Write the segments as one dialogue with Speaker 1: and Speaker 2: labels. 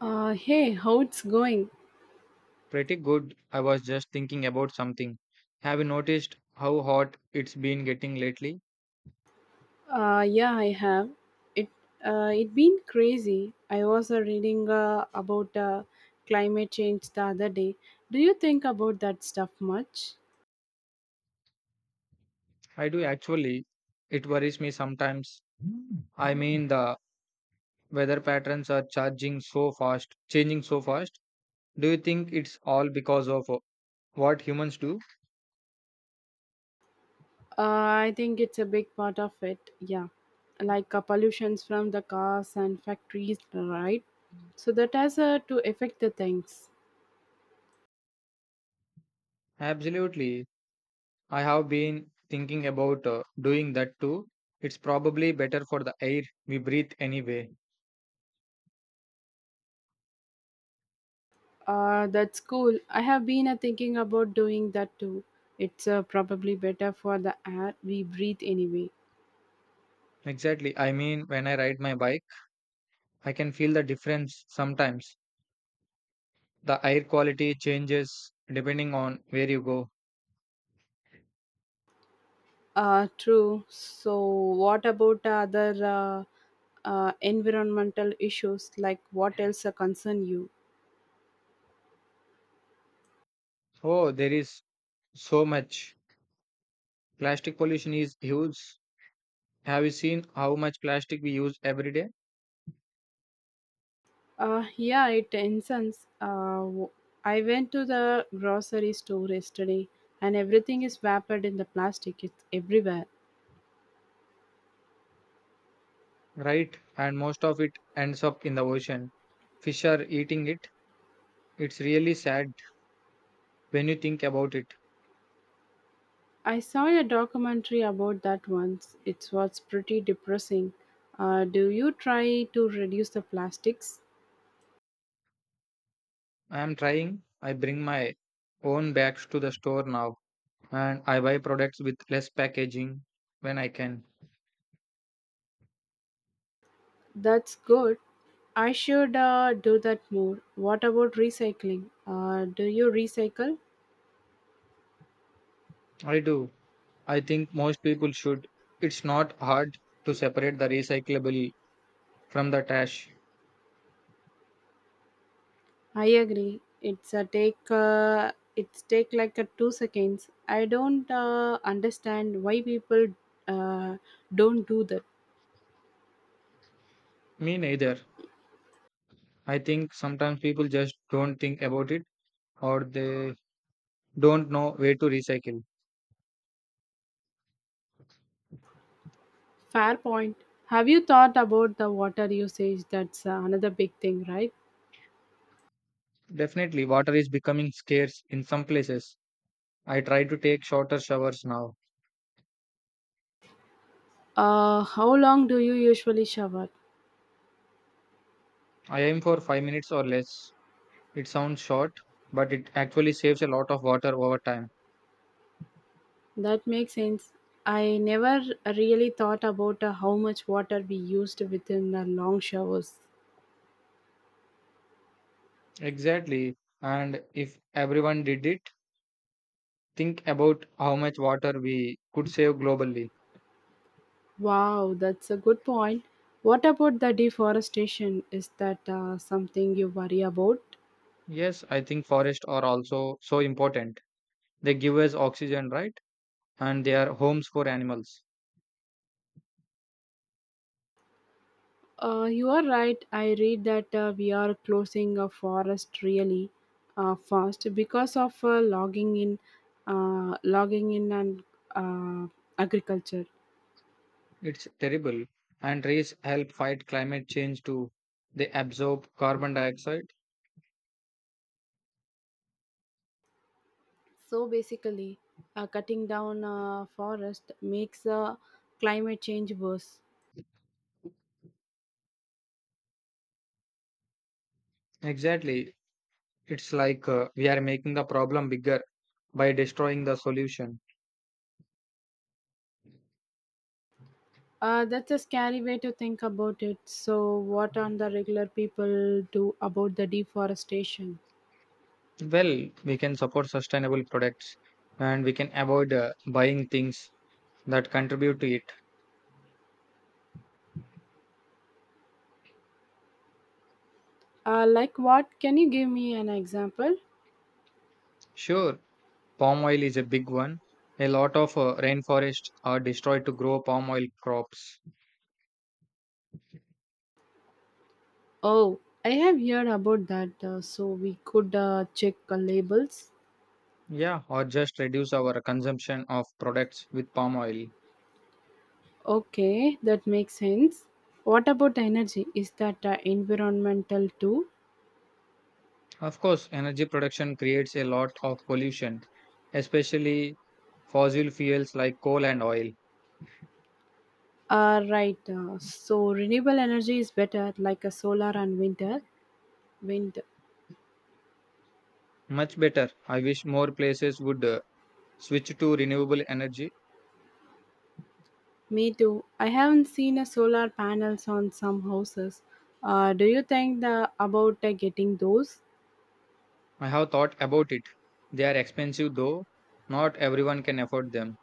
Speaker 1: Hey, how it's going?
Speaker 2: Pretty good. I was just thinking about something. Have you noticed how hot it's been getting lately?
Speaker 1: Yeah, I have. It it been crazy. I was reading about climate change the other day. Do you think about that stuff much?
Speaker 2: I do actually. It worries me sometimes. I mean, the weather patterns are charging so fast, changing so fast. Do you think it's all because of what humans do?
Speaker 1: I think it's a big part of it. Yeah, like pollutions from the cars and factories, right? So that has to affect the things.
Speaker 2: Absolutely. I have been thinking about doing that too. It's probably better for the air we breathe anyway.
Speaker 1: That's cool. I have been thinking about doing that too. It's probably better for the air we breathe anyway.
Speaker 2: Exactly. I mean, when I ride my bike, I can feel the difference sometimes. The air quality changes depending on where you go.
Speaker 1: True. So, what about other environmental issues? Like, what else concern you?
Speaker 2: Oh, there is so much. Plastic pollution is huge. Have you seen how much plastic we use every day?
Speaker 1: Yeah, it concerns. I went to the grocery store yesterday, and everything is wrapped in the plastic. It's everywhere.
Speaker 2: Right, and most of it ends up in the ocean. Fish are eating it. It's really sad when you think about it.
Speaker 1: I saw a documentary about that once. It was pretty depressing. Do you try to reduce the plastics?
Speaker 2: I am trying. I bring my own bags to the store now and I buy products with less packaging when I can.
Speaker 1: That's good. I should do that more. What about recycling? Do you recycle?
Speaker 2: I do. I think most people should. It's not hard to separate the recyclable from the trash.
Speaker 1: I agree. It's a take. It's take like a two seconds. I don't understand why people uh, don't do that.
Speaker 2: Me neither. I think sometimes people just don't think about it or they don't know where to recycle.
Speaker 1: Fair point. Have you thought about the water usage? That's another big thing, right?
Speaker 2: Definitely, water is becoming scarce in some places. I try to take shorter showers now.
Speaker 1: How long do you usually shower?
Speaker 2: I aim for 5 minutes or less. It sounds short, but it actually saves a lot of water over time.
Speaker 1: That makes sense. I never really thought about how much water we used within the long showers.
Speaker 2: Exactly. And if everyone did it, think about how much water we could save globally.
Speaker 1: Wow, that's a good point. What about the deforestation? Is that something you worry about?
Speaker 2: Yes, I think forests are also so important. They give us oxygen, right? And they are homes for animals.
Speaker 1: You are right. I read that we are closing a forest really fast because of logging in and uh, agriculture.
Speaker 2: It's terrible. And trees help fight climate change too. They absorb carbon dioxide.
Speaker 1: So basically, cutting down forest makes climate change worse.
Speaker 2: Exactly. It's like we are making the problem bigger by destroying the solution.
Speaker 1: That's a scary way to think about it. So, what on the regular people do about the deforestation?
Speaker 2: Well, we can support sustainable products and we can avoid buying things that contribute to it.
Speaker 1: Like what? Can you give me an example?
Speaker 2: Sure, palm oil is a big one. A lot of rainforests are destroyed to grow palm oil crops.
Speaker 1: Oh, I have heard about that. So we could check labels.
Speaker 2: Yeah, or just reduce our consumption of products with palm oil.
Speaker 1: Okay, that makes sense. What about energy? Is that environmental too?
Speaker 2: Of course, energy production creates a lot of pollution, especially fossil fuels like coal and oil.
Speaker 1: Right. So renewable energy is better, like a solar and winter wind.
Speaker 2: Much better. I wish more places would switch to renewable energy.
Speaker 1: Me too. I haven't seen a solar panels on some houses. Do you think the about getting those?
Speaker 2: I have thought about it. They are expensive though. Not everyone can afford them.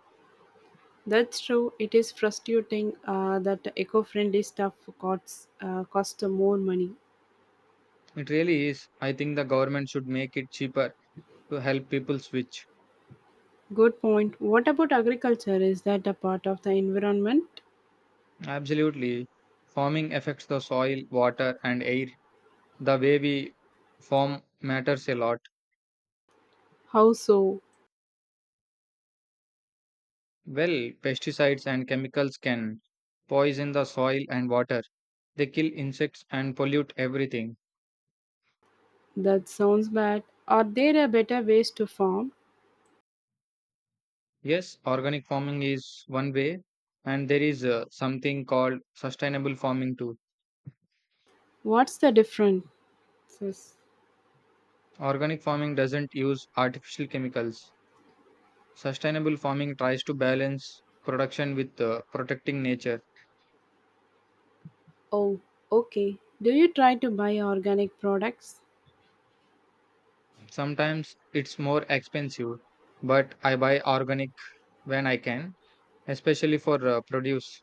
Speaker 1: That's true. It is frustrating that eco-friendly stuff costs more money.
Speaker 2: It really is. I think the government should make it cheaper to help people switch.
Speaker 1: Good point. What about agriculture? Is that a part of the environment?
Speaker 2: Absolutely. Farming affects the soil, water, and air. The way we farm matters a lot.
Speaker 1: How so?
Speaker 2: Well, pesticides and chemicals can poison the soil and water. They kill insects and pollute everything.
Speaker 1: That sounds bad. Are there a better ways to farm?
Speaker 2: Yes, organic farming is one way, and there is something called sustainable farming too.
Speaker 1: What's the difference?
Speaker 2: Organic farming doesn't use artificial chemicals. Sustainable farming tries to balance production with protecting nature.
Speaker 1: Oh, okay. Do you try to buy organic products?
Speaker 2: Sometimes it's more expensive, but I buy organic when I can, especially for produce.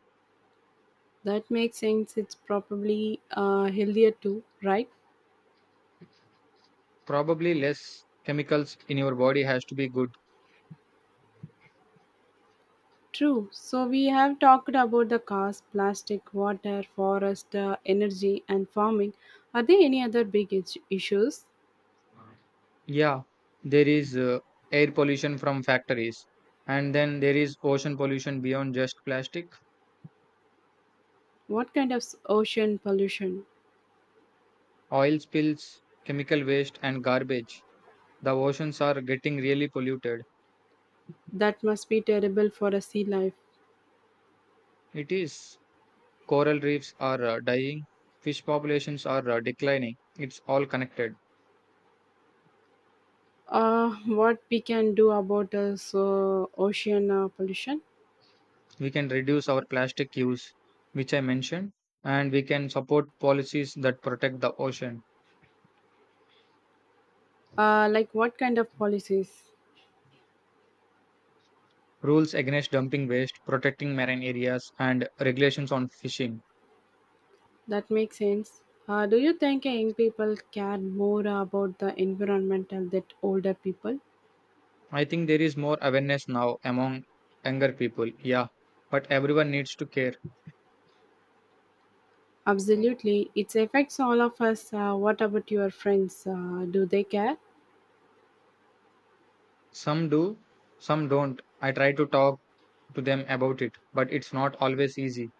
Speaker 1: That makes sense. It's probably healthier too, right?
Speaker 2: Probably less chemicals in your body has to be good.
Speaker 1: True. So we have talked about the cars, plastic, water, forest, energy, and farming. Are there any other big issues?
Speaker 2: Yeah, there is air pollution from factories, and then there is ocean pollution beyond just plastic.
Speaker 1: What kind of ocean pollution?
Speaker 2: Oil spills, chemical waste, and garbage. The oceans are getting really polluted.
Speaker 1: That must be terrible for a sea life.
Speaker 2: It is. Coral reefs are dying, fish populations are declining. It's all connected.
Speaker 1: What we can do about so ocean pollution?
Speaker 2: We can reduce our plastic use, which I mentioned, and we can support policies that protect the ocean.
Speaker 1: Like what kind of policies?
Speaker 2: Rules against dumping waste, protecting marine areas, and regulations on fishing.
Speaker 1: That makes sense. Do you think young people care more about the environmental than older people?
Speaker 2: I think there is more awareness now among younger people. Yeah, but everyone needs to care.
Speaker 1: Absolutely. It affects all of us. What about your friends? Do they care?
Speaker 2: Some do, some don't. I try to talk to them about it, but it's not always easy,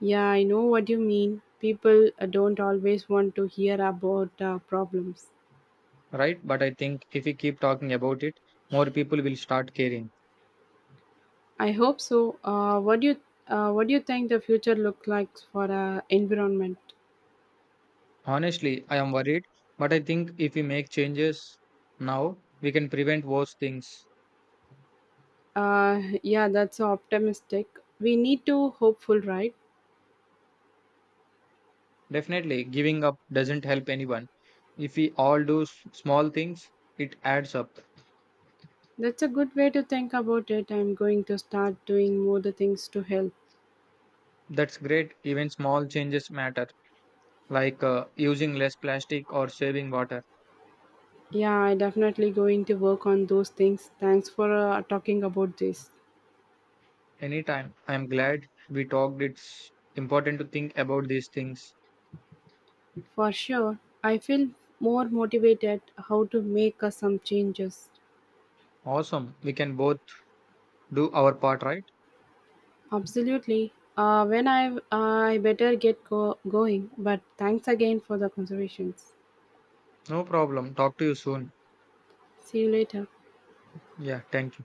Speaker 1: Yeah, I know what you mean. People don't always want to hear about problems.
Speaker 2: right? But I think if we keep talking about it, more people will start caring.
Speaker 1: I hope so. What do you think the future look like for environment?
Speaker 2: Honestly, I am worried, but I think if we make changes now, we can prevent worse things.
Speaker 1: Yeah, that's optimistic. We need to hopeful, right?
Speaker 2: Definitely, giving up doesn't help anyone. If we all do small things, it adds up.
Speaker 1: That's a good way to think about it. I'm going to start doing more the things to help.
Speaker 2: That's great. Even small changes matter, like using less plastic or saving water.
Speaker 1: Yeah, I definitely going to work on those things. Thanks for talking about this.
Speaker 2: Anytime. I'm glad we talked. It's important to think about these things.
Speaker 1: For sure, I feel more motivated how to make some changes.
Speaker 2: Awesome. We can both do our part, right?
Speaker 1: Absolutely. When I better get going. But thanks again for the considerations.
Speaker 2: No problem. Talk to you soon.
Speaker 1: See you later.
Speaker 2: Yeah, thank you.